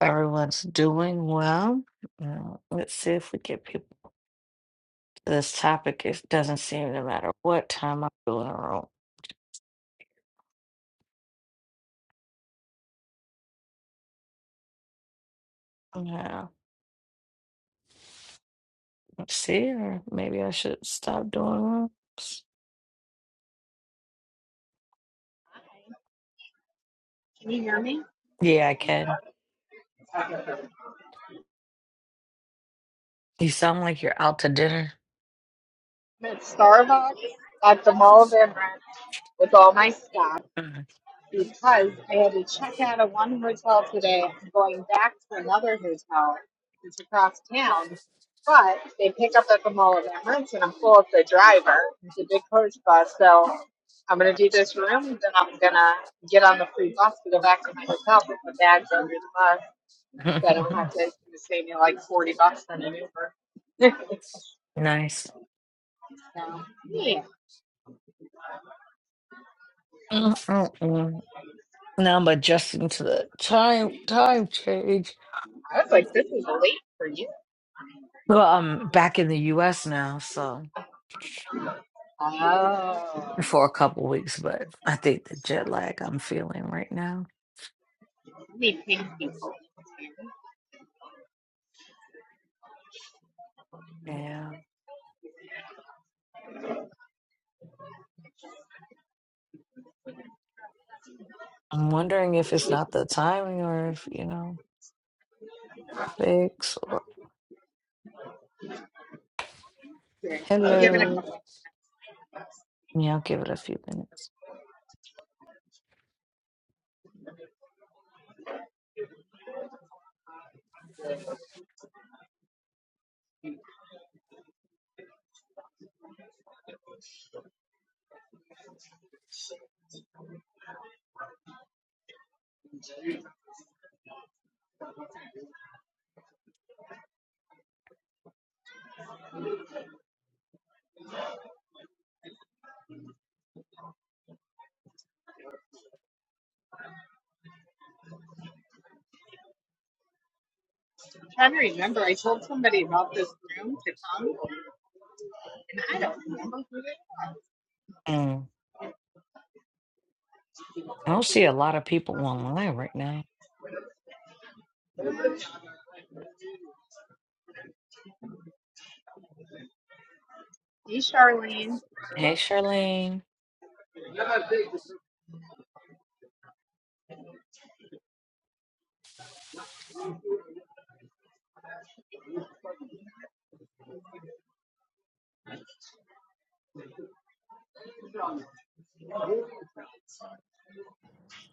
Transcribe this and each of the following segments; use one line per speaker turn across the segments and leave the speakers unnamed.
Everyone's doing well. Uh, let's see if we get people. to This topic it doesn't seem to matter what time I do in a room. Yeah, let's see, or maybe I should stop doing one.
Can you hear me?
Yeah, I can.
I'm
You sound like you're out to dinner.
at Starbucks at the Mall of Amaranth with all my stuff
Mm.
because I had to check out of one hotel today. I'm going back to another hotel. It's across town, but they pick up at the Mall of Amaranth, and I'm full of the driver. It's a big coach bus, so I'm gonna do this room, then I'm gonna get on the free bus to go back to my hotel with my bags under the bus, so I don't have to. It's gonna save me like forty bucks on an Uber.
nice.
so, yeah.
Mm-mm-mm. Now I'm adjusting to the time time change.
I was like, this is late for you.
Well, I'm back in the U.S. now, so
Oh.
for a couple weeks, but I think the jet lag I'm feeling right now.
I need pink people.
Yeah. I'm wondering if it's not the timing or if, you know, fix or
Okay. I'll give it a
hello.
couple.
Yeah, I'll give it a few minutes.
I'm trying to remember. I told somebody about this room to come, and I don't remember who it was.
Mm. I don't see a lot of people online right now.
Hey, Charlene.
Hey, Charlene.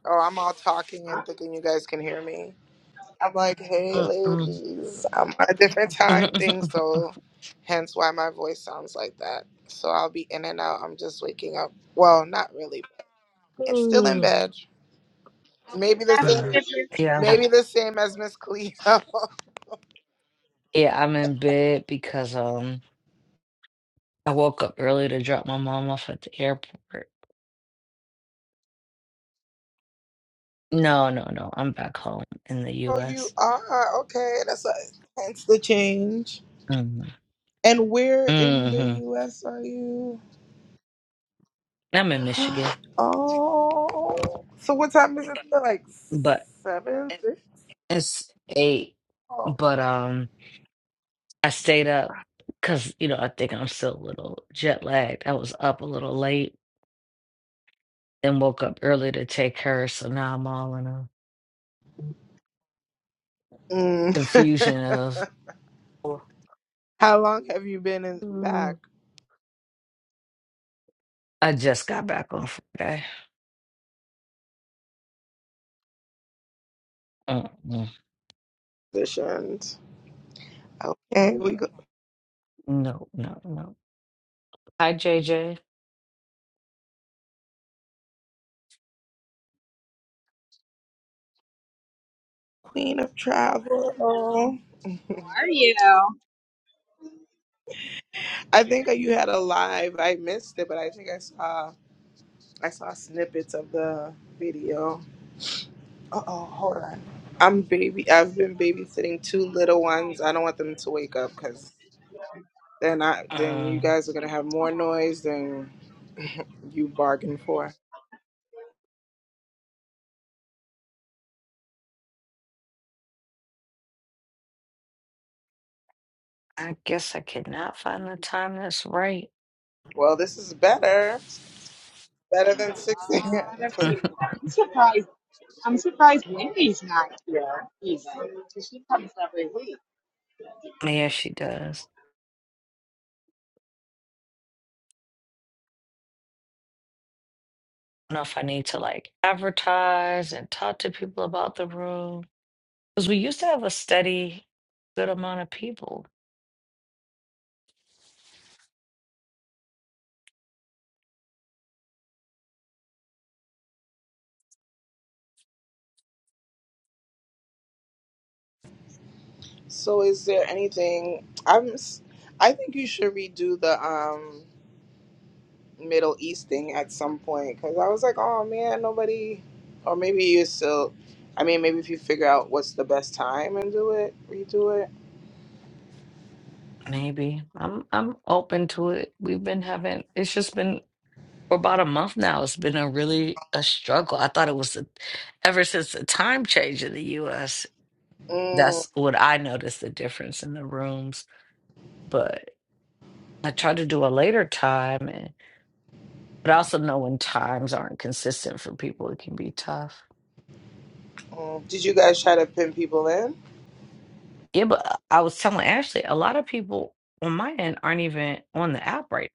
Oh, I'm all talking and thinking you guys can hear me. I'm like, hey,
Mm-mm.
ladies. I'm on a different time thing, so hence why my voice sounds like that. So I'll be in and out. I'm just waking up. Well, not really. it's still in
Mm.
bed. Maybe the
Best
same.
Mm.
if
yeah, I've been,
Maybe the same as Miss Cleo. oh,
yeah, I'm in bed because um I woke up early to drop my mom off at the airport. No, no, no. I'm back home in the
you
US.
are okay. That's what, hence the change.
hmm
And where in the
hmm
U.S. are you?
I'm in Michigan,
Oh, so what time is it? there? Like
but
seven. Six?
it's eight. But um. I stayed up because, you know, I think I'm still a little jet lagged. I was up a little late and woke up early to take her. So now I'm all in a
Mm.
confusion of,
How long have you been in back
"Ooh, I just got back on Friday. Mm-mm.
positions? Okay, we go
No, no, no. Hi, JJ.
Queen of Travel.
How are you?
I think you had a live. I missed it, but I think I saw I saw snippets of the video. Uh oh, hold on. I'm baby. I've been babysitting two little ones. I don't want them to wake up because then I then you
Um,
guys are gonna have
Oh,
more noise than you bargained for.
I guess I cannot find the time that's right.
Well, this is better. Better
there's
than six
a lot of
a.m.
Mhm.
people. I'm surprised. I'm surprised Wendy's not here, even. 'cause She comes every week.
Yeah, she does. I don't know if I need to like advertise and talk to people about the room because we used to have a steady good amount of people.
So is there anything I'm s- I think you should redo the um Middle East thing at some point cuz I was like, "Oh man, nobody or maybe you still I mean, maybe if you figure out what's the best time and do it, redo it.
Maybe. I'm I'm open to it. We've been having it's just been for about a month now. It's been a really a struggle. I thought it was the- ever since the time change in the US.
mm
That's what I noticed the difference in the rooms. But I tried to do a later time and but I also know when times aren't consistent for people, it can be tough.
mm. Did you guys try to pin people in?
Yeah, but uh, I was telling Ashley, a lot of people on my end aren't even on the app right.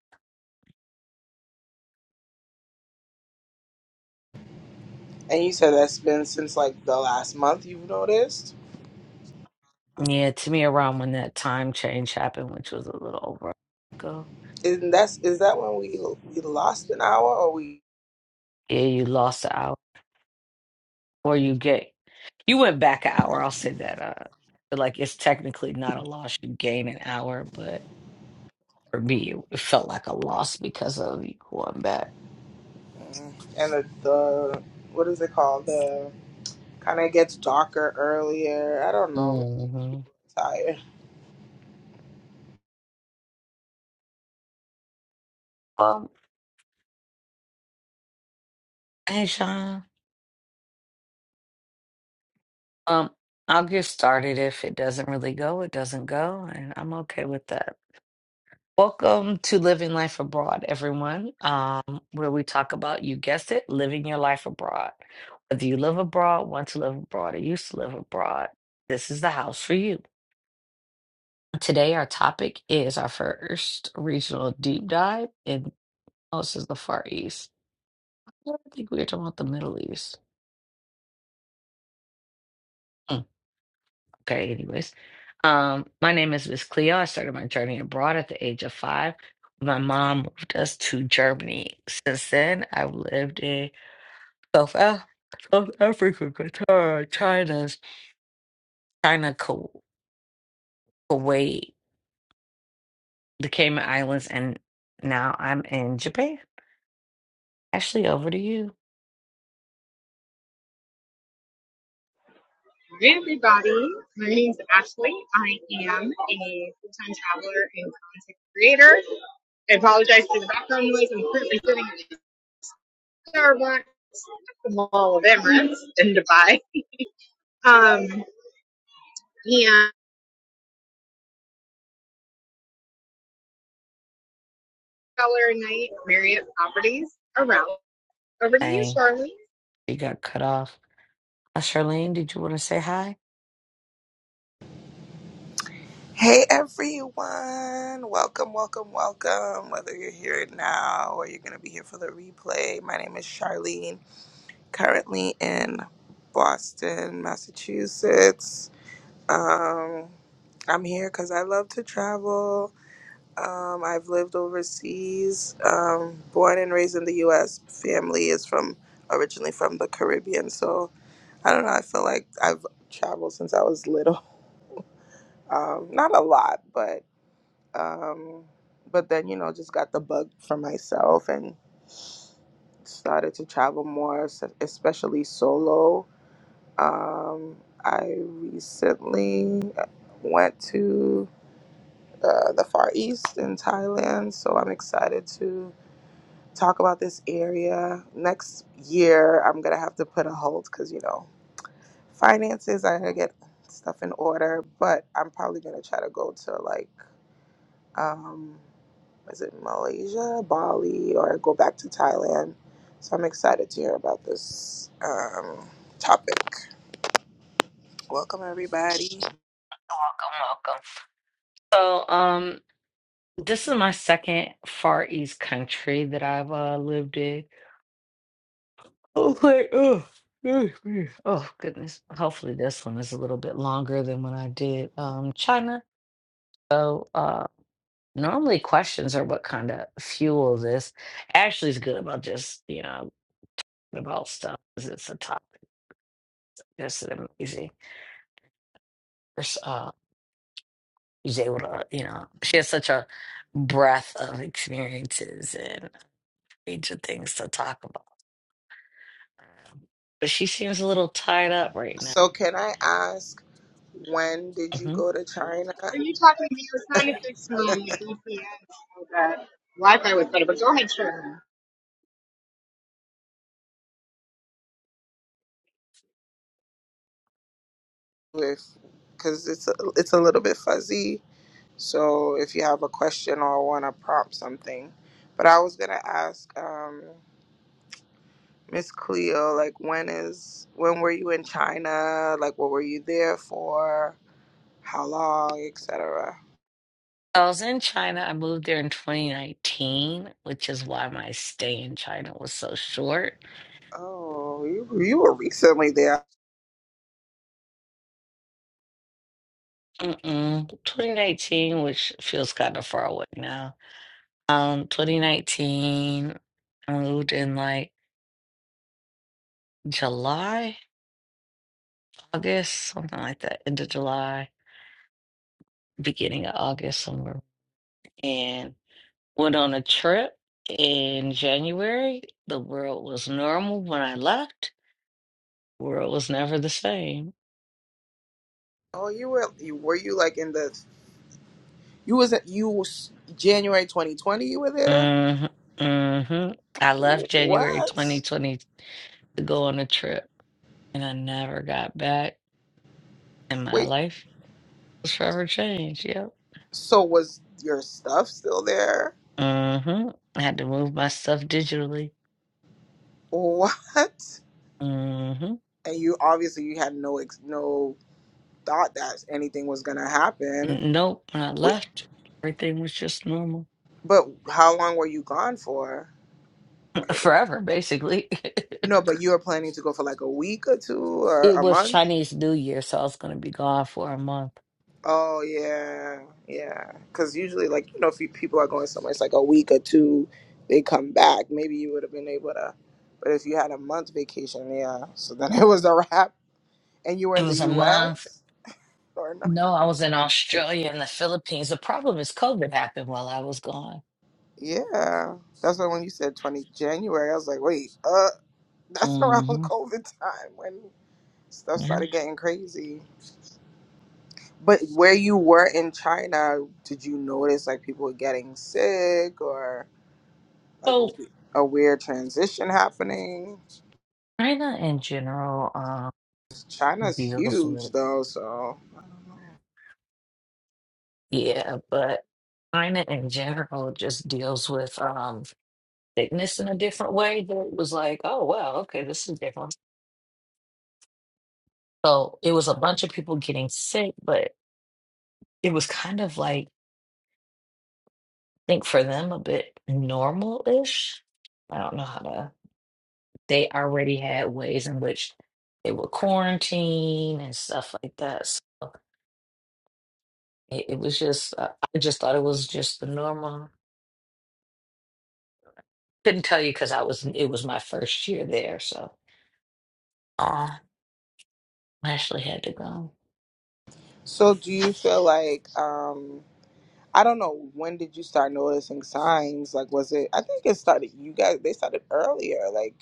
And you said that's been since like the last month you've noticed.
now. Yeah, to me around when that time change happened, which was a little over a month ago
Isn't that's is that when we we lost an hour or we
Yeah, you lost an hour, or you get you went back an hour. I'll say that. Uh, but like it's technically not a loss. You gain an hour, but for me, it, it felt like a loss because of you going back.
mm, and the, the what is it called? Kind of gets darker earlier. I don't know. Maybe just
hmm
people are tired.
Well, hey, Sean. Um, I'll get started. If it doesn't really go, it doesn't go, and I'm okay with that. Welcome to Living Life Abroad, everyone, um, where we talk about, you guessed it, living your life abroad. Whether you live abroad, want to live abroad, or used to live abroad, this is the house for you. Today, our topic is our first regional deep dive, and oh, this is the Far East. Well, I don't think we were talking about the Middle East. Mm, okay, anyways. Um, my name is Miss Cleo. I started my journey abroad at the age of five. My mom moved us to Germany. Since then, I've lived in South, Af- South Africa, Qatar, China, China, Ku- Kuwait, the Cayman Islands, and now I'm in Japan. Ashley, over to you.
Hi everybody, my name is Ashley. I am a full-time traveler and content creator. I apologize for the background noise. I'm currently sitting at Starbucks, the Mall of Emirates in Dubai. Um, and yeah, traveler night Marriott properties around. Over to you,
Dang,
Charlie.
you got cut off. Uh, Charlene, did you want to say hi?
Hey everyone! Welcome, welcome, welcome. Whether you're here now or you're gonna be here for the replay, my name is Charlene. Currently in Boston, Massachusetts. Um, I'm here because I love to travel. Um, I've lived overseas, um, born and raised in the U.S. Family is from originally from the Caribbean, so I don't know. I feel like I've traveled since I was little. Um, not a lot, but um, but then you know, just got the bug for myself and started to travel more, s- especially solo. Um, I recently uh, went to uh, the Far East in Thailand, so I'm excited to. talk about this area. Next year, I'm going to have to put a hold because, you know, finances, I got to get stuff in order, but I'm probably going to try to go to like, um, is it Malaysia, Bali, or go back to Thailand. So I'm excited to hear about this um, topic. Welcome, everybody.
Welcome, welcome. So, um, this is my second Far East country that I've uh, lived in. Oh, oh, oh, yeah. Oh, goodness. Hopefully, this one is a little bit longer than when I did um China. So, Normally, questions are what kind of fuel this. Ashley's good about just, you know, about stuff 'cause it's a topic. That's an amazing. pers- Uh, she's able to, you know, she has such a breadth of experiences and range of things to talk about. Um, But she seems a little tied up right now.
So, can I ask, when did you
hmm
go to China
Are you talking to me? I was trying to fix my VPN so that Wi-Fi was better, but go ahead, Charlie.
with because it's a, it's a little bit fuzzy. So if you have a question or want to prompt something, but I was gonna ask um, Miss Cleo, like when is when were you in China? Like what were you there for? How long, etc.
I was in China. I moved there in 2019, which is why my stay in China was so short.
Oh, you you were recently there.
Mm-mm. 2019, which feels kind of far away now. Um, 2019, I moved in like July, August, something like that, end of July, beginning of August, somewhere. And went on a trip in January. The world was normal when I left. World was never the same.
Oh, you were you were you like in the you was you was January 2020 you were there?
hmm hmm I left January
What?
2020 to go on a trip, and I never got back. And my
Wait,
life was forever changed. Yep.
so was your stuff still there?
hmm I had to move my stuff digitally
What?
hmm
And you obviously you had no ex- no thought that anything was gonna happen.
Nope. When I
Wait,
left, everything was just normal
but how long were you gone for? 'Cause-
forever, basically.
No, but you were planning to go for like a week or two or
it
a
was
month.
Chinese New Year, so I was going to be gone for a month.
Oh yeah, yeah. Because usually, like you know, if you, people are going somewhere, it's like a week or two. They come back. Maybe you would have been able to. But if you had a month vacation, yeah. So then it was a wrap. And you were
It
in the
was a month.
U.S. or no?
No, I was in Australia and the Philippines. The problem is COVID happened while I was gone.
Yeah, that's why when you said 20 January, I was like, wait, uh, that's around
hmm
COVID time when stuff
Yeah.
started getting crazy. But where you were in China, did you notice like people were getting sick or like
So
a, a weird transition happening?
China in general um,
China's
deals
huge
with,
though, so. I don't know.
yeah, but China in general just deals with um, sickness in a different way that was like, oh, wow, okay, this is different. So it was a bunch of people getting sick, but it was kind of like, I think for them, a bit normal-ish. I don't know how to, they already had ways in which they would quarantine and stuff like that. So it, it was just, uh, I just thought it was just the normal. Couldn't tell you because I was, it was my first year there. So uh, I actually had to go.
So do you feel like, um, I don't know, when did you start noticing signs? Like, was it, I think it started, you guys, they started earlier. Like.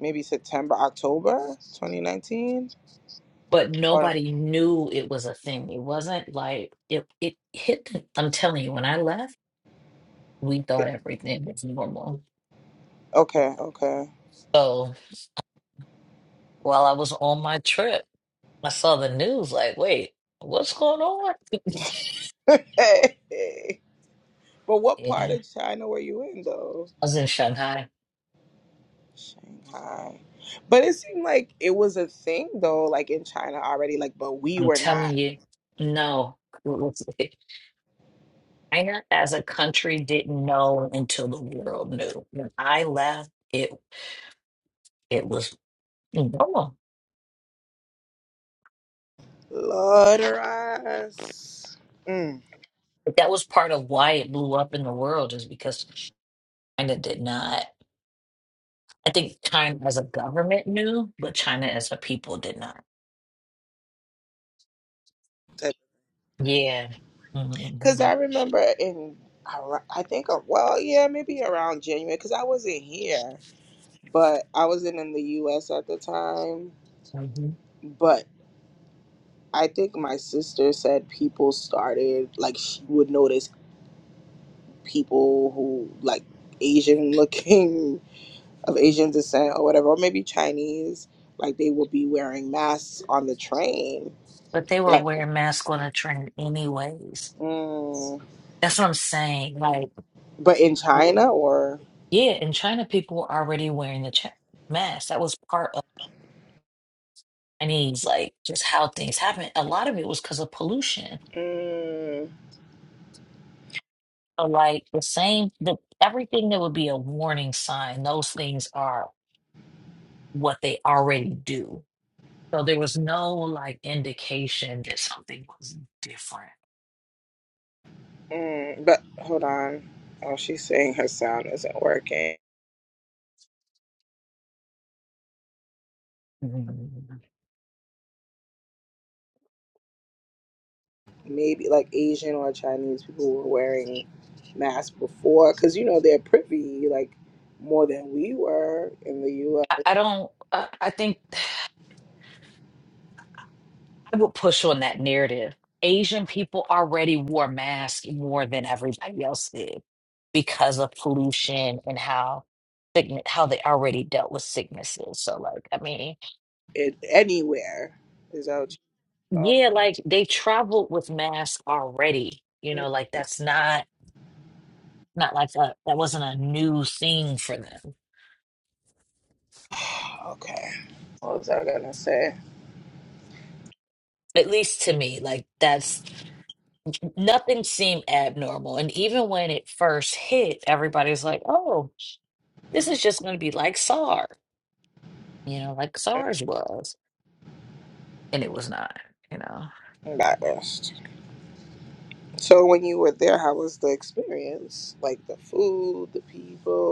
maybe September, October 2019?
But
Or, no,
nobody knew it was a thing. It wasn't like it, it hit, the- I'm telling you, when I left, we thought
it-
everything was normal.
okay, okay.
So while I was on my trip, I saw the news like, wait, what's going on?
but what part
Yeah,
of
I
China were you in though?
was in Shanghai.
Shanghai. But it seemed like it was a thing though, like in China already, like, but we
I'm
were
telling
not.
you, no. China as a country didn't know until the world knew. When I left, it it was normal.
Lord us. Mm.
But that was part of why it blew up in the world, is because China did not. I think China as a government knew, but China as a people did not. Yeah. Mm-hmm, mm-hmm.
Because I remember in, ar- I think, uh, well, yeah, maybe around January, because I wasn't here, but I wasn't in the US at the time.
Mhm.
I think my sister said people started like she would notice people who like Asian looking of Asian descent or whatever, or maybe Chinese, like they would be wearing masks on the train.
But they were
Like,
wearing masks on a train anyways.
mm,
That's what I'm saying. Like,
but in
w-
China or,
yeah, in China, people were already wearing the cha- mask. That was part of Chinese, like, just how things happen. A lot of it was because of pollution.
mm,
So, like, the same, the everything that would be a warning sign, those things are what they already do. So there was no like indication that something was different.
mm, but hold on, oh she's saying her sound isn't working.
Mhm.
maybe like Asian or Chinese people were wearing masks before because you know they're privy like more than we were in the
I,
U.S.
I don't. I, I think. I would push on that narrative. Asian people already wore masks more than everybody else did because of pollution and how sickness, how they already dealt with sicknesses. So, like, I mean,
It, anywhere is that what
yeah,
you
like they traveled with masks already. You
okay.
know, like that's not not like a, that wasn't a new thing for them.
okay. What was I gonna say?
At least to me, like that's nothing seemed abnormal. And even when it first hit, everybody's like, "Oh, this is just going to be like SARS." you know, like SARS was, and it was not, you know.
Embarrassed. So when you were there, how was the experience? Like the food, the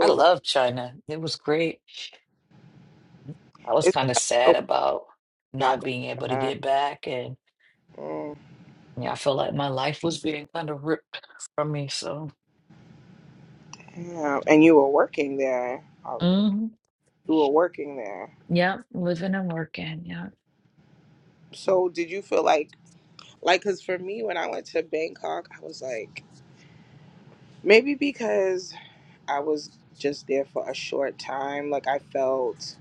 I
Like
love China. It was great. I was
is it
kind of
like so
sad about
not
not being
going
able to
back?
get back, and
Mm,
yeah, I feel like my life was being kind of ripped from me. So,
yeah. And you were working there. Uh,
hmm
You were working there.
yeah, living and working. Yeah,
So did you feel like Like, cause for me, when I went to Bangkok, I was like, maybe because I was just there for a short time, like I felt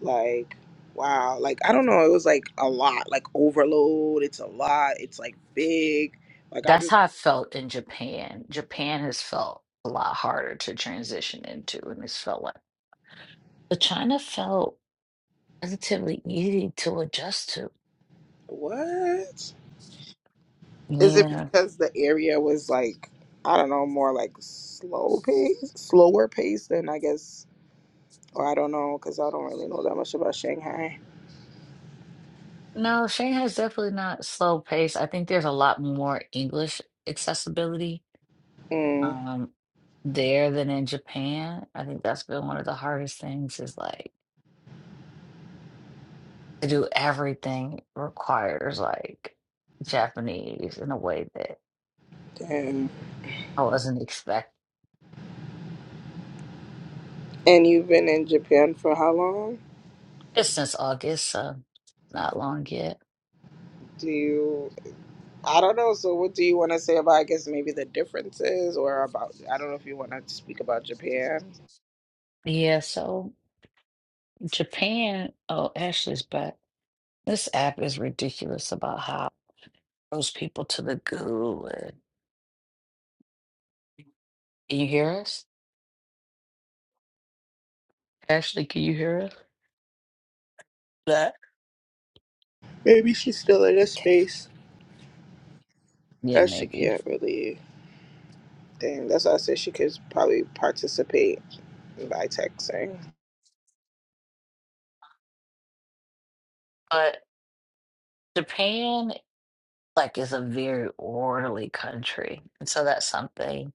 like, wow, like I don't know, it was like a lot, like overload. It's a lot. It's like big. Like
that's
I'm
how I felt in Japan. Japan has felt a lot harder to transition into, and it's felt like, but China felt relatively easy to adjust to.
what? Is it
Yeah.
because the area was like I don't know, more like slow pace, slower pace than I guess, or I don't know, cause I don't really know that much about Shanghai.
No, Shanghai's definitely not slow paced. I think there's a lot more English accessibility
Mm,
um, there than in Japan. I think that's been one of the hardest things is like to do everything requires like Japanese in a way that
damn.
I wasn't expecting.
And you've been in Japan for how long?
Just since August, so not long yet.
Do you, I don't know. So, what do you want to say about, I guess, maybe the differences or about, I don't know if you want to speak about Japan.
Yeah, so Japan, oh, Ashley's back. This app is ridiculous about how it throws people to the goo. And, can you hear us? Ashley, can you hear us? that.
Maybe she's still in a
Okay.
space
Yeah,
that she
maybe.
can't really, dang, that's why I said she could probably participate by texting.
But Japan, like, is a very orderly country. And so that's something,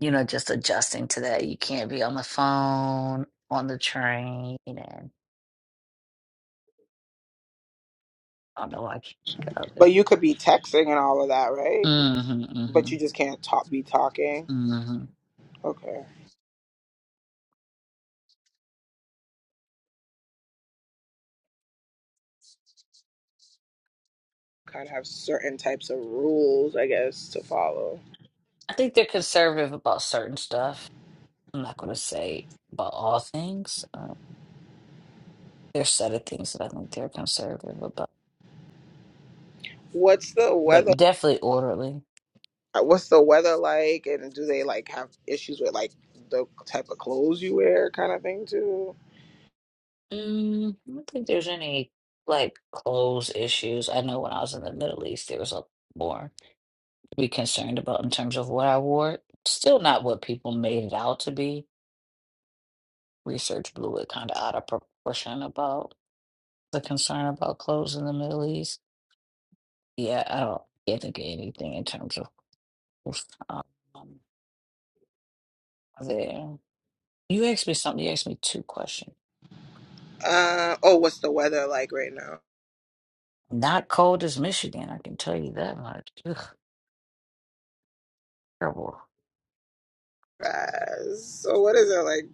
you know, just adjusting to that. You can't be on the phone, on the train, and I don't know why I can't think of others.
But you could be texting and all of that, right?
Mm-hmm,
But you
mm-hmm,
just can't talk, be talking.
mm-hmm.
Okay. Kind of have certain types of rules, I guess, to follow.
I think they're conservative about certain stuff. I'm not going to say about all things. Um, there's set of things that I think they're conservative about,
What's the weather?
but definitely orderly.
uh, what's the weather like and do they like have issues with like the type of clothes you wear kind of thing too
Mm, I don't think there's any like clothes issues. I know when I was in the Middle East, there was a more to be concerned about in terms of what I wore. Still not what people made it out to be. Research blew it kind of out of proportion about the concern about clothes in the Middle East. Yeah, I don't can't think of anything in terms of clothes, um, there. You asked me something. You asked me two questions.
uh oh what's the weather like right now
Not cold as Michigan, I can tell you that much. Ugh, terrible.
guys so what is it like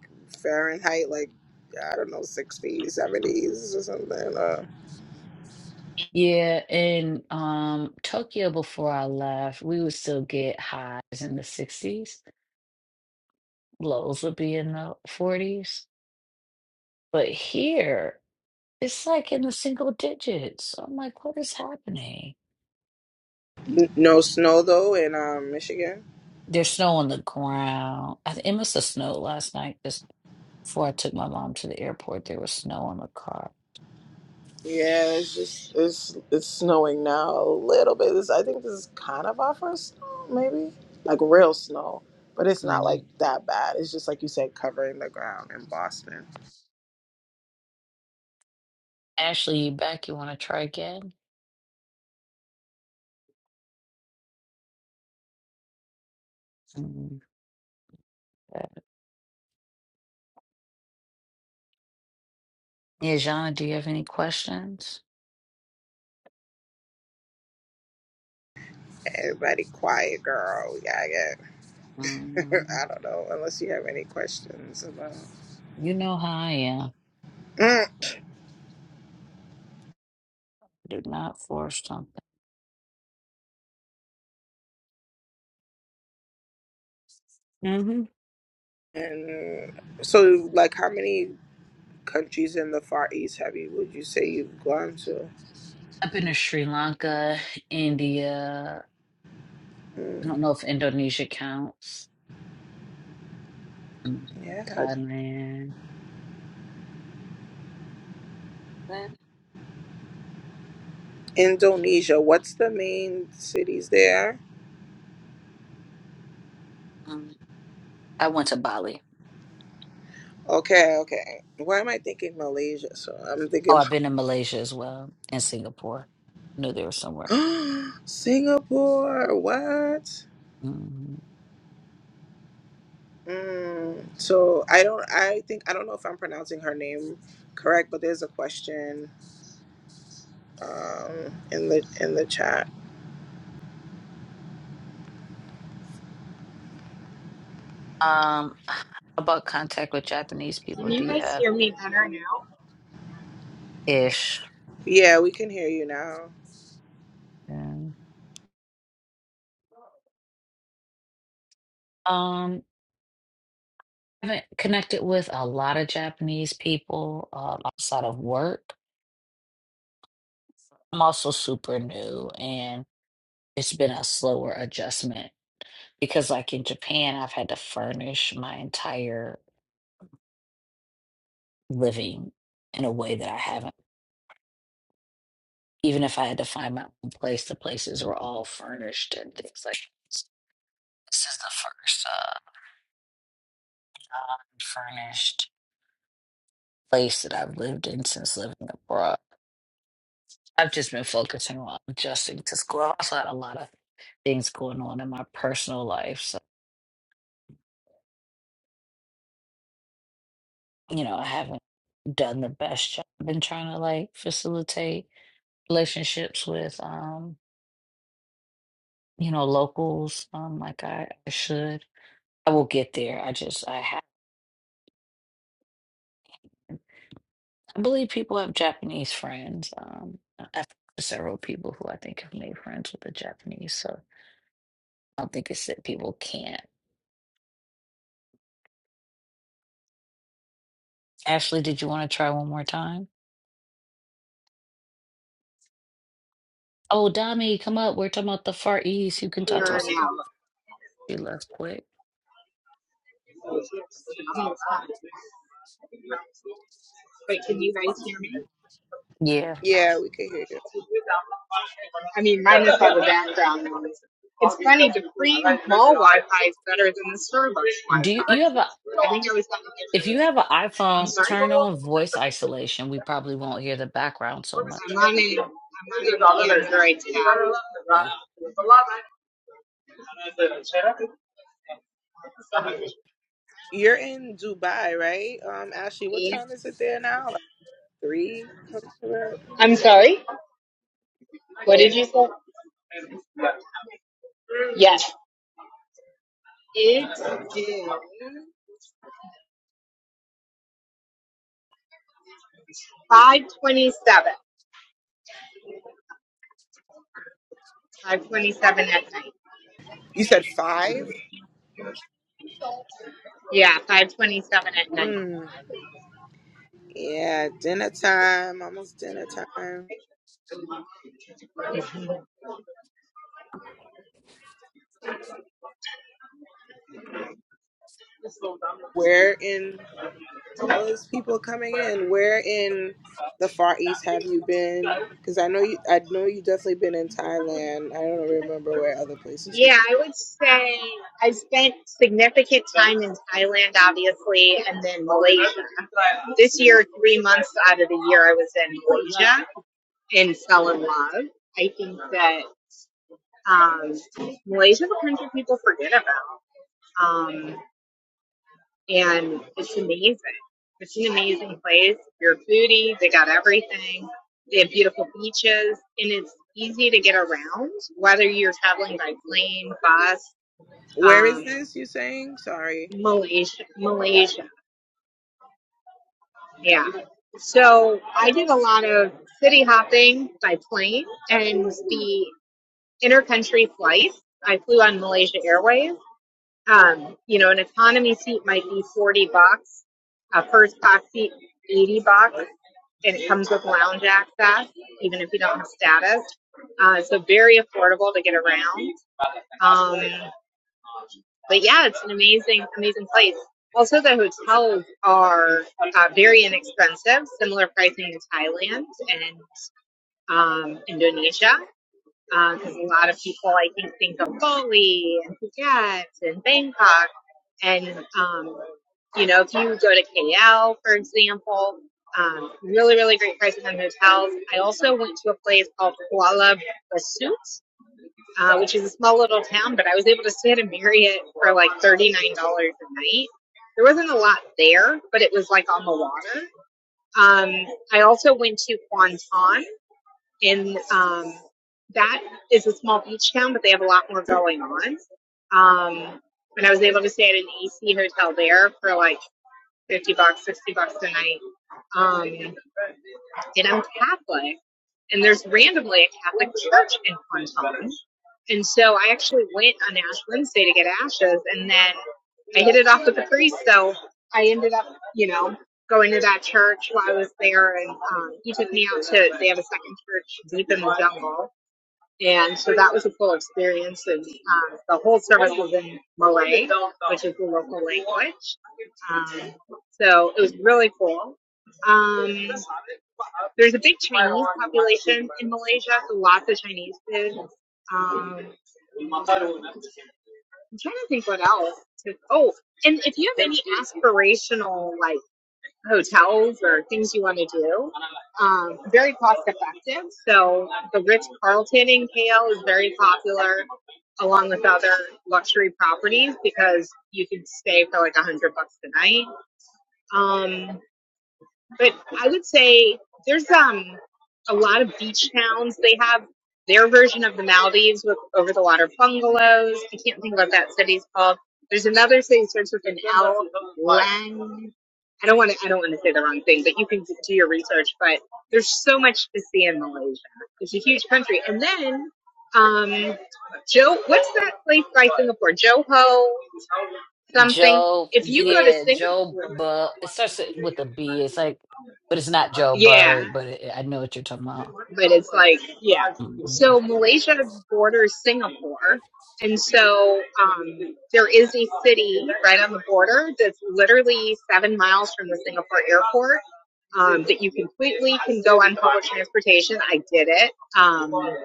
fahrenheit like i don't know 60s 70s or something uh,
Yeah, in um Tokyo before I left, we would still get highs in the 60s. Lows would be in the 40s. But here, it's like in the single digits. I'm like, what is happening?
n- no snow though in um michigan
There's snow on the ground. I, th- it must have snowed last night just before I took my mom to the airport. There was snow on the car.
Yeah, it's just it's it's snowing now a little bit. This I think this is kind of our first snow, maybe like real snow, but it's not like
Mm.
that bad. It's just like you said, covering the ground in Boston.
Ashley, you back? You want to try again? Mm. Yeah, Jana, do you have any questions?
Everybody, quiet, girl. Yeah, yeah.
Mm.
I don't know unless you have any questions about.
You know how I am.
Mm.
Do not force something. hmm
And so, like, how many countries in the Far East have you? Would you say you've gone to?
I've been to Sri Lanka, India. I
Mm,
don't know if Indonesia counts. Mm,
yeah,
Thailand. Eh,
Indonesia. What's the main cities there?
um, I went to Bali.
Okay, okay. Why am I thinking Malaysia? So I'm
Oh,
thinking
I've been to Malaysia as well and Singapore. I knew there was somewhere.
Singapore. What?
hmm
Mm, so I don't. I think I don't know if I'm pronouncing her name correct, but there's a question um, in the in the chat.
Um, how about contact with Japanese people?
Can you
Do you
guys
have
hear me better now?
ish?
Yeah, we can hear you now.
Mm. Um, I haven't connected with a lot of Japanese people um, outside of work. I'm also super new it's been a slower adjustment because like in Japan I've had to furnish my entire living in a way that I haven't even if I had to find my own place the places were all furnished and things like this This is the first uh furnished place that I've lived in since living abroad I've just been focusing on adjusting to school I also had a lot of things going on in my personal life so you know I haven't done the best job in trying to like facilitate relationships with um you know locals um like I, I should I will get there I just I have I believe people have Japanese friends um I've several people who I think have made friends with the Japanese so I don't think it's that people can't Ashley did you want to try one more time oh Dami come up we're talking about the Far East you can talk to
Clearer
us
now.
about she left quick
Wait, can you guys hear me?
yeah
Yeah, we can hear you.
I mean, minus all the background noise. It's funny, the free mall Wi-Fi is better than the Starbucks Wi-Fi.
do you, you have a
I think I was on
if you have an iPhone turn on voice isolation we probably won't hear the background so much
the I'm on a, I'm on an Android tab.
You're in Dubai, right? Um, Ashley, what
Yeah.
time is it there now? Like three? Something like that?
I'm sorry. What did you say? Yes. It's 527. 527 at night.
You said five?
Yeah, 527 at night.
Mm, yeah, dinner time. Almost dinner time. Where in all these people coming in? Where in the Far East have you been? Because I know you, I know you definitely been in Thailand. I don't remember where other places. You've
Yeah,
been.
I would say I spent significant time in Thailand, obviously, and then Malaysia. This year, three months out of the year, I was in Malaysia and fell in love. I think that um, Malaysia is a country people forget about, um, and it's amazing. It's an amazing place. If You're a foodie. They got everything. They have beautiful beaches, and it's easy to get around, whether you're traveling by plane, bus,
Where is
um,
this? You saying? Sorry.
Malaysia. Malaysia. Yeah. So I did a lot of city hopping by plane and the intercountry flights. I flew on Malaysia Airways. Um, you know, an economy seat might be 40 bucks, a first class seat, 80 bucks, and it comes with lounge access, even if you don't have status. Uh, so very affordable to get around. Um, but yeah, it's an amazing, amazing place. Also, the hotels are uh, very inexpensive, similar pricing to Thailand and um, Indonesia, because uh, a lot of people, I think, think of Bali and Phuket and Bangkok. And, um, you know, if you go to KL, for example, um, really, really great prices on hotels. I also went to a place called Kuala Besut uh, which is a small little town, but I was able to stay at a Marriott for like $39 a night. There wasn't a lot there, but it was like on the water. Um, I also went to Kwanton, and um, that is a small beach town, but they have a lot more going on. Um, and I was able to stay at an AC hotel there for like 50 bucks, 60 bucks a night. Um, and I'm Catholic and there's randomly a Catholic church in Quantum. And so I actually went on Ash Wednesday to get ashes, and then I hit it off with the priest. So I ended up, you know, going to that church while I was there, and um, he took me out to. They have a second church deep in the jungle, and so that was a cool experience. And um, the whole service was in Malay, which is the local language. Um, so it was really cool. Um, there's a big Chinese population in Malaysia, so lots of Chinese kids. Um, I'm trying to think what else. Oh, and if you have any aspirational like hotels or things you want to do, um, very cost effective. So the Ritz Carlton in KL is very popular, along with other luxury properties because you can stay for like a hundred bucks a night. Um, but I would say there's um a lot of beach towns. They have their version of the Maldives with over the water bungalows. I can't think of what that city's called. There's another city that starts with an L. Lang. I don't want to. I don't want to say the wrong thing, but you can do your research. But there's so much to see in Malaysia. It's a huge country. And then, um, Joe, what's that place by Singapore? Johor something.
Job,
If you go to
yeah,
Singapore,
Job. But it starts with a B. It's like, but it's not Joe
yeah.
Berg. But it, I know what you're talking about.
but it's like yeah.
mm
So Malaysia borders Singapore, and so um, there is a city right on the border that's literally seven miles from the Singapore airport um, that you completely can go on public transportation. I did it. Um,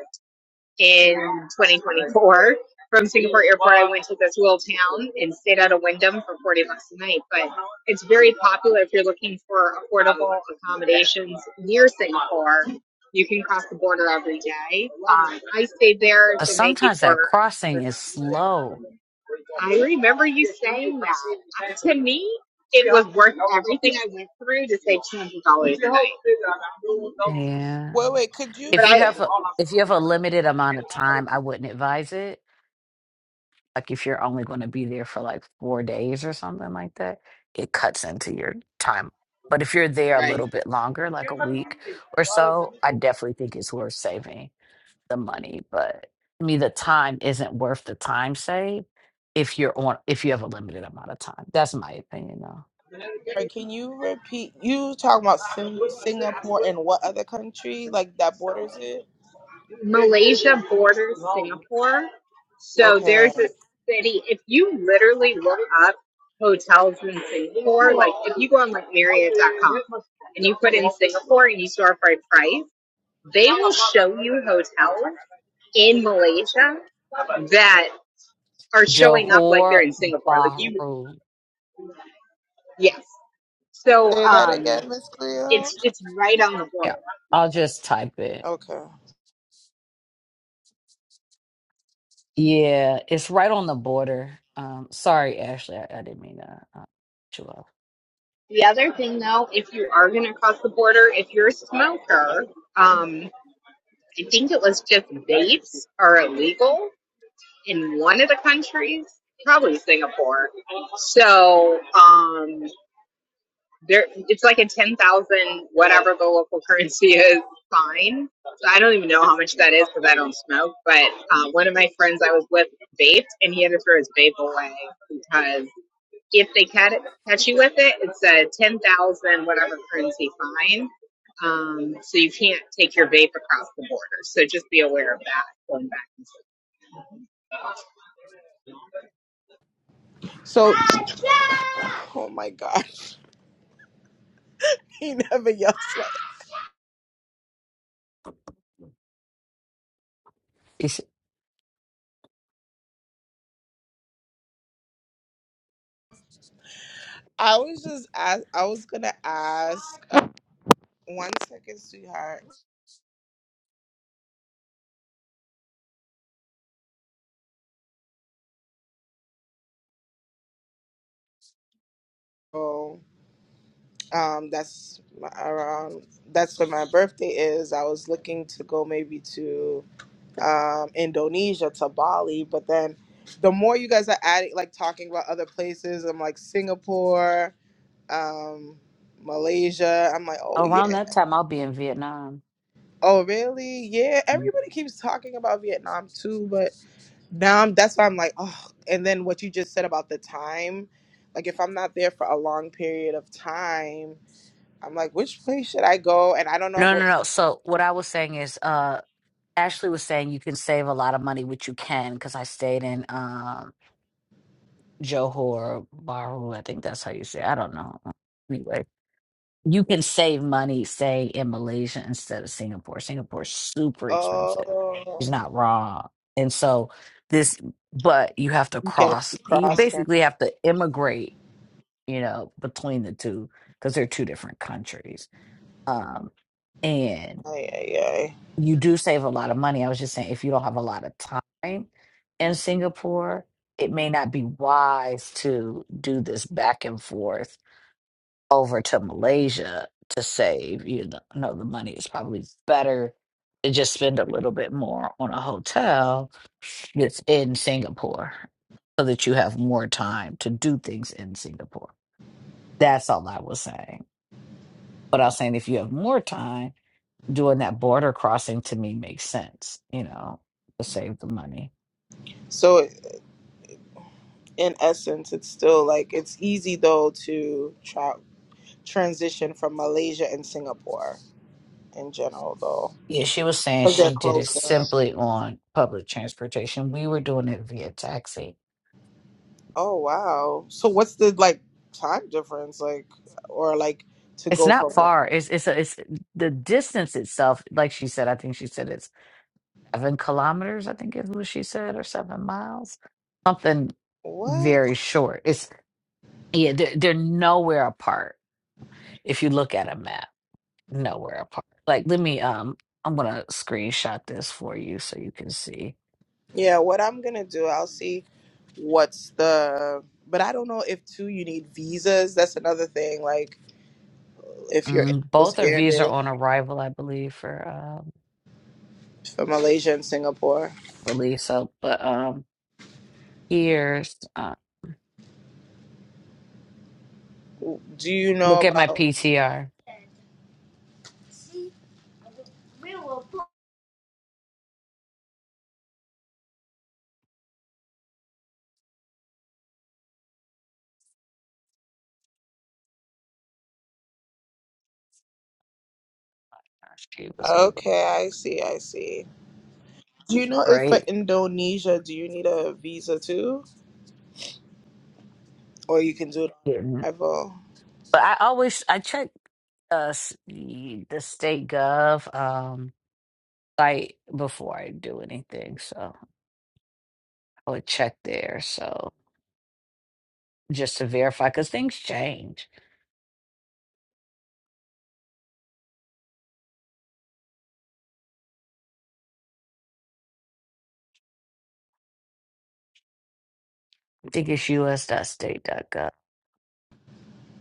in 2024. From Singapore Airport, I went to this little town and stayed at a Wyndham for 40 bucks a night. But it's very popular if you're looking for affordable accommodations near Singapore. You can cross the border every day. Um, I stayed there
Uh,
the night
Sometimes that
before.
crossing is slow.
I remember you saying that. To me, it was worth everything I went through to save $200 a night.
Yeah.
Wait, wait. Could you?
But
If you
I,
have a if you have a limited amount of time, I wouldn't advise it. Like if you're only going to be there for like four days or something like that, it cuts into your time. But if you're there a
right.
little bit longer, like a week or so, I definitely think it's worth saving. the money, but to me, the time isn't worth the time saved if you're on if you have a limited amount of time. That's my opinion though.
Or can you repeat? You talking about Sing- Singapore and what other country like that borders it?
Malaysia borders Singapore. So
Okay.
there's a city, if you literally look up hotels in Singapore, like if you go on like Marriott.com and you put in Singapore and you store by price, they will show you hotels in Malaysia that are showing up like they're
Johor
in Singapore. Like you,
Bahru.
yes. So
Say that
um,
again, Miss Cleo.
it's it's right on the border.
Yeah. I'll just type it.
Okay.
Yeah, it's right on the border. Um sorry, Ashley, I, I didn't mean to uh, cut you off.
The other thing though, if you are gonna cross the border, if you're a smoker, um, I think it was just vapes are illegal in one of the countries, probably Singapore. So um, there, it's like a ten thousand whatever the local currency is fine. So I don't even know how much that is because I don't smoke. But uh, one of my friends I was with vaped, and he had to throw his vape away because if they catch you with it, it's a 10,000 whatever currency fine. Um, so you can't take your vape across the border. So just be aware of that going back.
So. Oh my God. He never yells.
It's
I was just ask, I was gonna ask uh, one second, sweetheart. Oh, um, that's my, around. That's when my birthday is. I was looking to go maybe to um, Indonesia to Bali, but then the more you guys are adding, like talking about other places, I'm like Singapore, um, Malaysia. I'm like, oh
around
yeah,
that time I'll be in Vietnam.
oh really? Yeah.
Mm.
Everybody keeps talking about Vietnam too, but. Now I'm, that's why I'm like, oh. And then what you just said about the time, like if I'm not there for a long period of time, I'm like, which place should I go? And I don't know
No,
what.
no, no. So what I was saying is uh Ashley was saying you can save a lot of money, which you can, because I stayed in um Johor Bahru, I think that's how you say. it. I don't know. Anyway, you can save money, say in Malaysia instead of Singapore. Singapore's super expensive.
Oh,
He's not wrong. And so this, but you have to
you get
cross. You
cross.
basically have to immigrate. You know, between the two because they're two different countries. Um,
Ay, ay, ay.
you do save a lot of money. I was just saying, if you don't have a lot of time in Singapore, it may not be wise to do this back and forth over to Malaysia to save. You know, no, the money is probably better to just spend a little bit more on a hotel that's in Singapore so that you have more time to do things in Singapore. That's all I was saying. But I was saying if you have more time, doing that border crossing to me makes sense, you know, to save the money.
So in essence, it's still like it's easy though to tra- transition from Malaysia and Singapore in general though,
Yeah, she was saying
because they're
she did it
closer.
simply on public transportation. We were doing it via taxi.
Oh wow. So what's the like time difference like, or like to
It's
go
not
from one?
far. It's it's a, it's the distance itself. Like she said, I think she said it's seven kilometers. I think is what she said, or seven miles, something
What?
very short. It's yeah, they're, they're nowhere apart. If you look at a map, nowhere apart. Like let me um, I'm gonna screenshot this for you so you can see.
Yeah, what I'm gonna do, I'll see what's the but I don't know if too you need visas. That's another thing. Like if you're in
Mm,
those
both of these are
areas
on arrival, I believe, for um,
for Malaysia and Singapore.
release. So, but um, here's uh,
Do you know
look at my
about
PTR. She was able
Okay,
to
I see, I see. Do you know if for
right.
Indonesia do you need a visa too? Or you can do it
Getting,
on arrival?
but I always I check uh s- the state gov um site before I do anything, so I would check there. So just to verify, because things change. I think it's us. state us.state.gov.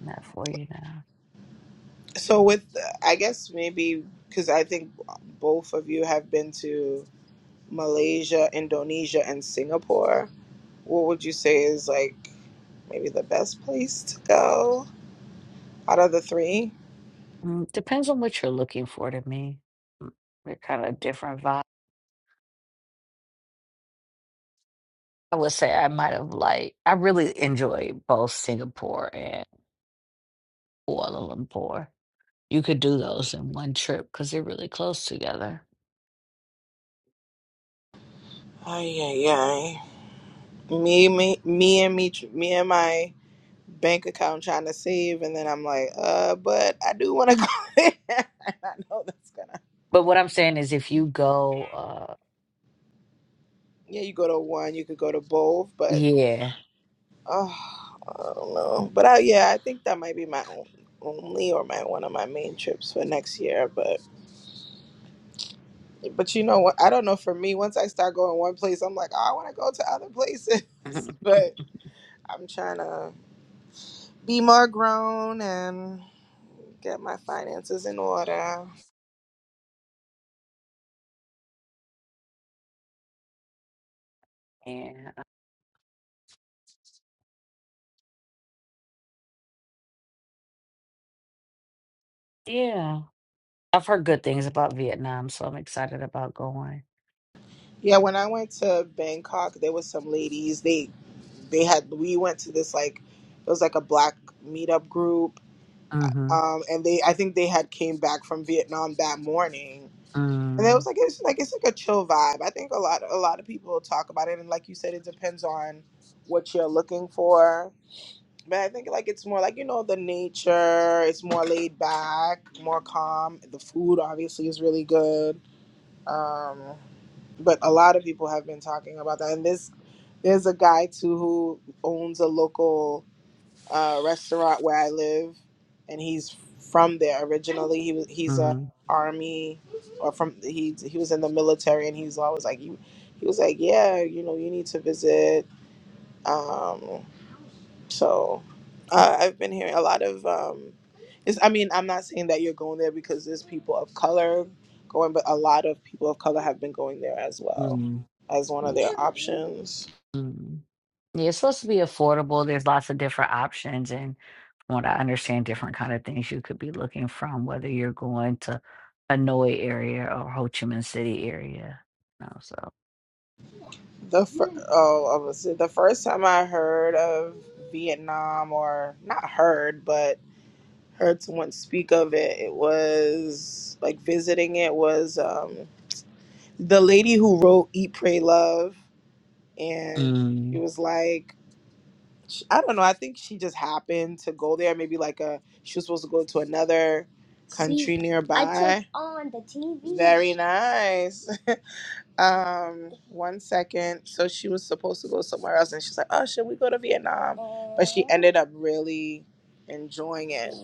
Not for you now.
So with I guess maybe because I think both of you have been to Malaysia, Indonesia, and Singapore, what would you say is like maybe the best place to go out of the three?
Mm, depends on what you're looking for. To me, Mm, they're kind of different I would say I might have like I really enjoy both Singapore and Kuala Lumpur. You could do those in one trip because they're really close together.
Ay, ay, ay. Me, me, me, and me, me and my bank account trying to save, and then I'm like, uh, but I do want to go. there. I know that's gonna.
But what I'm saying is, if you go, uh,
Yeah, you go to one, you could go to both, but
yeah,
oh, I don't know. But I, yeah, I think that might be my own, only or my one of my main trips for next year. But But you know what? I don't know. For me, once I start going one place, I'm like, oh, I want to go to other places.
Mhm.
But I'm trying to be more grown and get my finances in order.
yeah, yeah, I've heard good things about Vietnam, so I'm excited about going.
Yeah, when I went to Bangkok, there was some ladies. They they had we went to this like it was like a black meetup group.
Mm-hmm.
Um, and they I think they had came back from Vietnam that morning and it was
Mm-hmm.
like it's like it's like a chill vibe. I think a lot a lot of people talk about it, and like you said, it depends on what you're looking for. But I think like it's more like you know the nature. It's more laid back, more calm. The food obviously is really good. Um, but a lot of people have been talking about that, and this there's a guy too who owns a local uh, restaurant where I live, and he's from there originally. He was he's a army or from he he was in the military, and he's always like you. He was like, yeah, you know, you need to visit. Um, so uh, I've been hearing a lot of. Um, it's, I mean, I'm not saying that you're going there because there's people of color going, but a lot of people of color have been going there as well
Mm-hmm.
as one of
Yeah.
their options.
Mm. Yeah, it's supposed to be affordable. There's lots of different options, and from what I understand, different kind of things you could be looking from, whether you're going to Hanoi area or Ho Chi Minh City area. You know, so
The fir- oh, I was- the first time I heard of Vietnam, or not heard, but heard someone speak of it, it was like visiting. It was um, the lady who wrote "Eat, Pray, Love," and it
Mm.
was like sh- I don't know. I think she just happened to go there. Maybe like a she was supposed to go to another country See, I turned nearby. on the TV. Very nice. Um, one second. So she was supposed to go somewhere else, and she's like, "Oh, should we go to Vietnam?" But she ended up really enjoying it,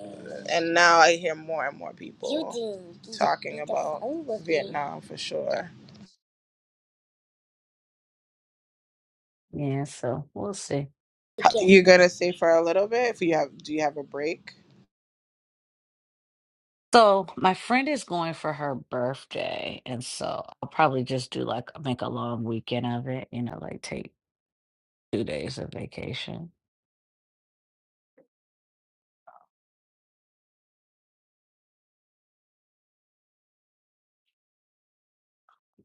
and now I hear more and more people talking about Vietnam for sure.
yeah, so we'll see.
You're gonna stay for a little bit. If you have, do you have a break?
So my friend is going for her birthday, and so I'll probably just do like make a long weekend of it. You know, like take two days of vacation,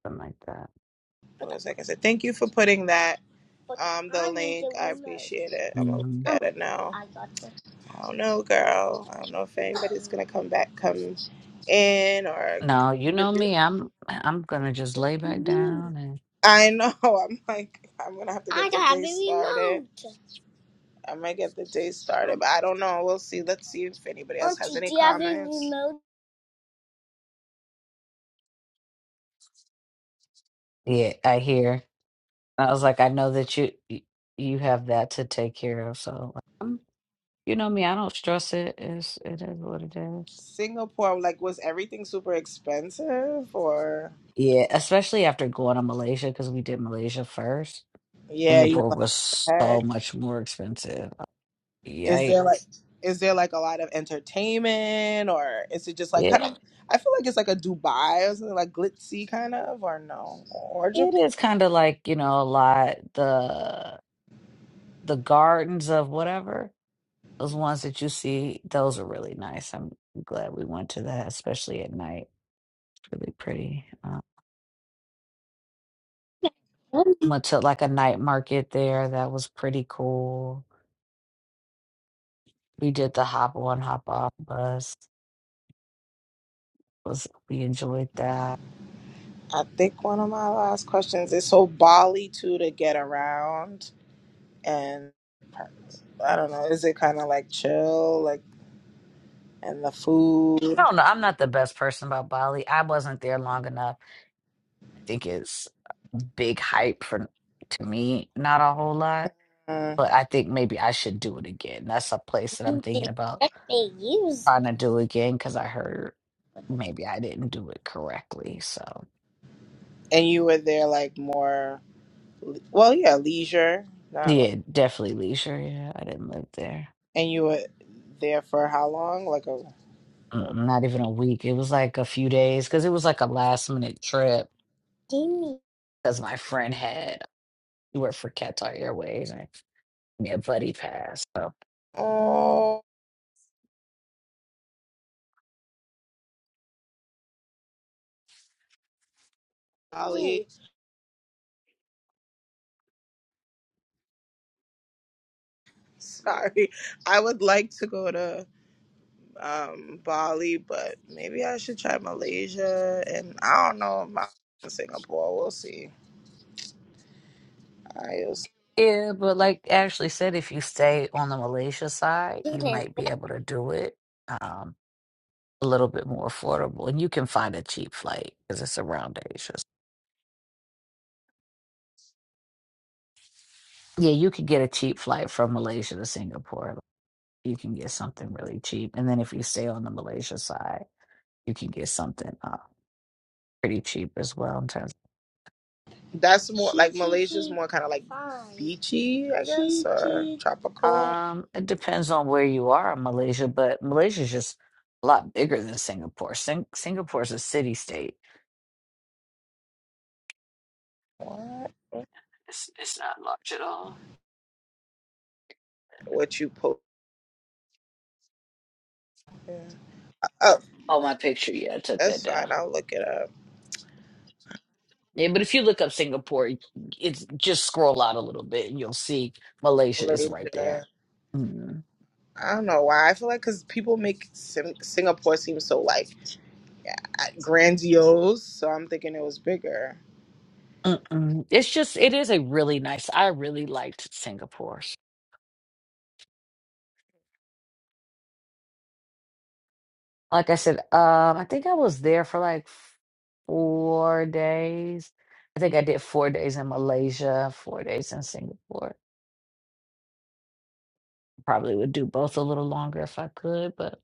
something like that.
Hold on a second. So thank you for putting that. Um, the link. I appreciate it. I'm gonna look
hmm
at it now. I don't know, girl. I don't know if anybody's gonna come back, come in, or
No, you know
contribute.
me. I'm I'm gonna just lay back down
I know. I'm like, I'm gonna have to get the day started. I might get the day started, but I don't know. We'll see. Let's see if anybody else has any comments.
Yeah, I hear. I was like, I know that you y- you have that to take care of. So, um, you know me, I don't stress it. It's, it is what it is.
Singapore, like, was everything super expensive, or
Yeah, especially after going to Malaysia because we did Malaysia first.
yeah, you
Singapore
know,
was
what?
so much more expensive.
Is there like
Yikes!
is there like a lot of entertainment or is it just like kind
It
of I feel like it's like a Dubai or something like glitzy kind of or no or Japan.
it is kind of like you know a lot the the gardens of whatever those ones that you see. Those are really nice. I'm glad we went to that, especially at night. Really pretty. um, Went to like a night market there. That was pretty cool. We did the hop on, hop off bus. Was we enjoyed that.
I think one of my last questions is so Bali too to get around and I don't know is it kind of like chill like and the
I
food
don't know. I'm not the best person about Bali. I wasn't there long enough. I think it's big hype for to me, not a whole lot.
Mm.
But I think maybe I should do it again. That's a place that I'm
You
thinking
didn't
about
expect they used.
trying to do again because I heard maybe I didn't do it correctly. So
and you were there like more well yeah leisure not like,
yeah, definitely leisure. Yeah, I didn't live there.
and you were there for how long like a,
Mm, not even a week. It was like a few days because it was like a last minute trip
Jimmy.
because my friend had he worked for Qatar Airways and me a buddy passed. So
Oh, Bali. Sorry. I would like to go to um Bali, but maybe I should try Malaysia and I don't know about Singapore. We'll see. I was,
yeah, but like Ashley said, if you stay on the Malaysia side, you might be able to do it um, a little bit more affordable, and you can find a cheap flight because it's around Asia. Yeah, you could get a cheap flight from Malaysia to Singapore. You can get something really cheap, and then if you stay on the Malaysia side, you can get something uh, pretty cheap as well in terms.
that's more like Malaysia's more kind of like beachy, I guess, or tropical.
Um, it depends on where you are in Malaysia, but Malaysia is just a lot bigger than Singapore. Sing Singapore is a city state.
What?
It's it's not large at all.
What you post? Oh,
Oh, my picture. Yeah, I took that
that's fine.
down.
I'll look it up.
Yeah, but if you look up Singapore, it- it's just scroll out a little bit and you'll see Malaysia is right
Malaysia.
there. Mm.
I don't know why. I feel like because people make Sim- Singapore seem so like grandiose, so I'm thinking it was bigger.
Mm-mm. It's just it is a really nice. I really liked Singapore. Like I said, um, I think I was there for like four days. I think I did four days in Malaysia, four days in Singapore. Probably would do both a little longer if I could, but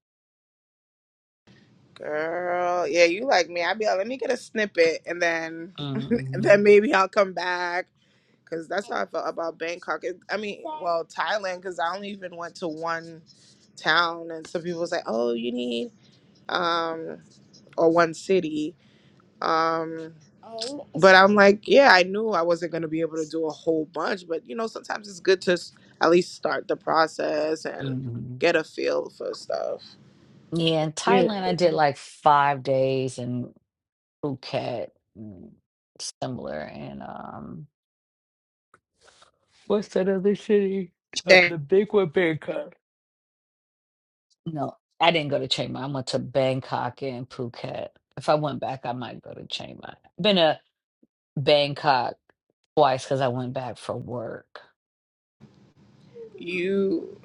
Girl, yeah, you like me. I'd be like, let me get a snippet, and then, and
hmm
then maybe I'll come back. Cause that's how I felt about Bangkok. It, I mean, well, Thailand. Cause I only even went to one town, and some people was like, oh, you need um or one city, Um, but I'm like, yeah, I knew I wasn't going to be able to do a whole bunch, but you know, sometimes it's good to s- at least start the process and
hmm
get a feel for stuff.
yeah, in
You,
Thailand I did like five days in Phuket, mm, similar, and um, what's that other city? Uh,
Shay,
the big one, Bangkok. No, I didn't go to Chiang Mai. I went to Bangkok and Phuket. If I went back, I might go to Chiang Mai. Been to Bangkok twice because I went back for work.
you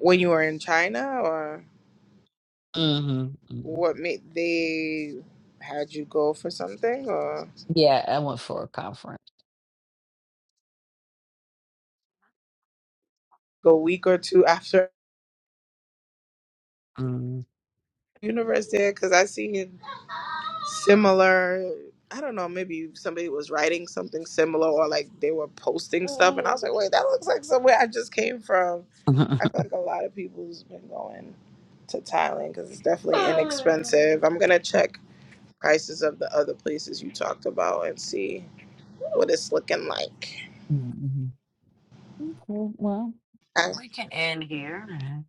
when you were in China, or
hmm
what made they had you go for something, or
Yeah, I went for a conference.
go a week or two after
Mm.
university? Because I see similar. I don't know, maybe somebody was writing something similar or like they were posting stuff. And I was like, wait, that looks like somewhere I just came from. I feel like a lot of people's been going to Thailand because it's definitely inexpensive. I'm going to check prices of the other places you talked about and see what it's looking like.
Mhm. Okay, well,
I,
we can end here. Mhm.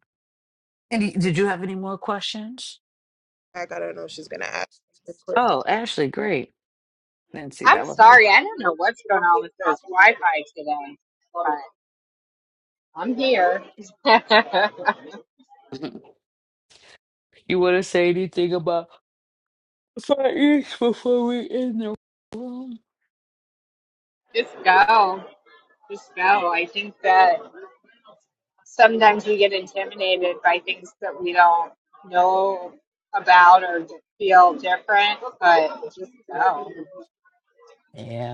And y- did you have any more questions?
I don't know if she's going to ask me quickly.
Oh, Ashley, great. Didn't see
I'm
that wasn't.
sorry. I don't know what's going on with those Wi-Fi today, but I'm here. just
You want to say anything about five fight before we end the room?
go. Just go. I think that sometimes we get intimidated by things that we don't know about or feel different, but just go.
Yeah.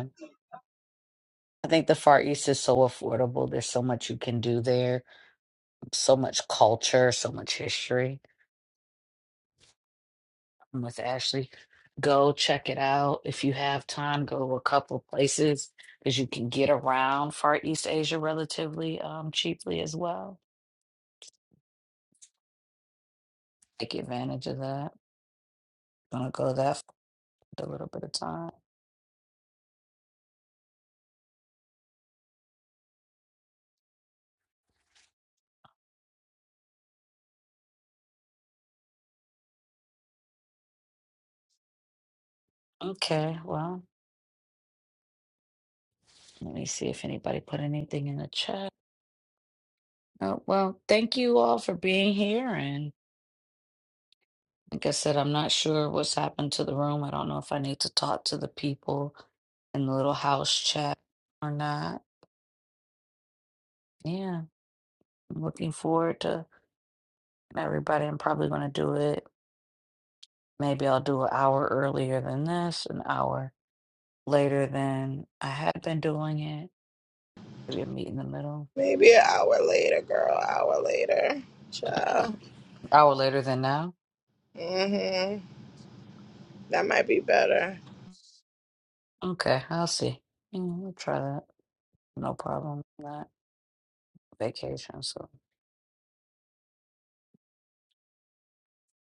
I think the Far East is so affordable. There's so much you can do there, so much culture, so much history. I'm with Ashley. Go check it out. If you have time, go to a couple of places because you can get around Far East Asia relatively um, cheaply as well. Take advantage of that. Gonna go that for a little bit of time. Okay, well, let me see if anybody put anything in the chat. Oh, well, thank you all for being here and Like I said, I'm not sure what's happened to the room. I don't know if I need to talk to the people in the little house chat or not. Yeah, I'm looking forward to everybody. I'm probably going to do it. Maybe I'll do an hour earlier than this, an hour later than I had been doing it. Maybe a meet in the middle.
Maybe an hour later, girl, hour later. Ciao.
Hour later than now.
hmm That might be better.
Okay, I'll see. Mm, We'll try that. No problem. with That vacation. So,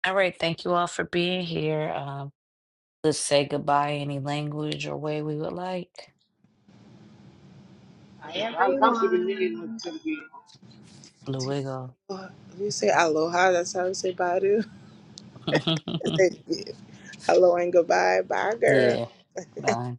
all right. Thank you all for being here. Um, Let's say goodbye any language or way we would like.
I am the one.
Blue Wiggle.
Well, If you say aloha, that's how you say badu. Hello and goodbye. Bye, girl.
yeah, bye.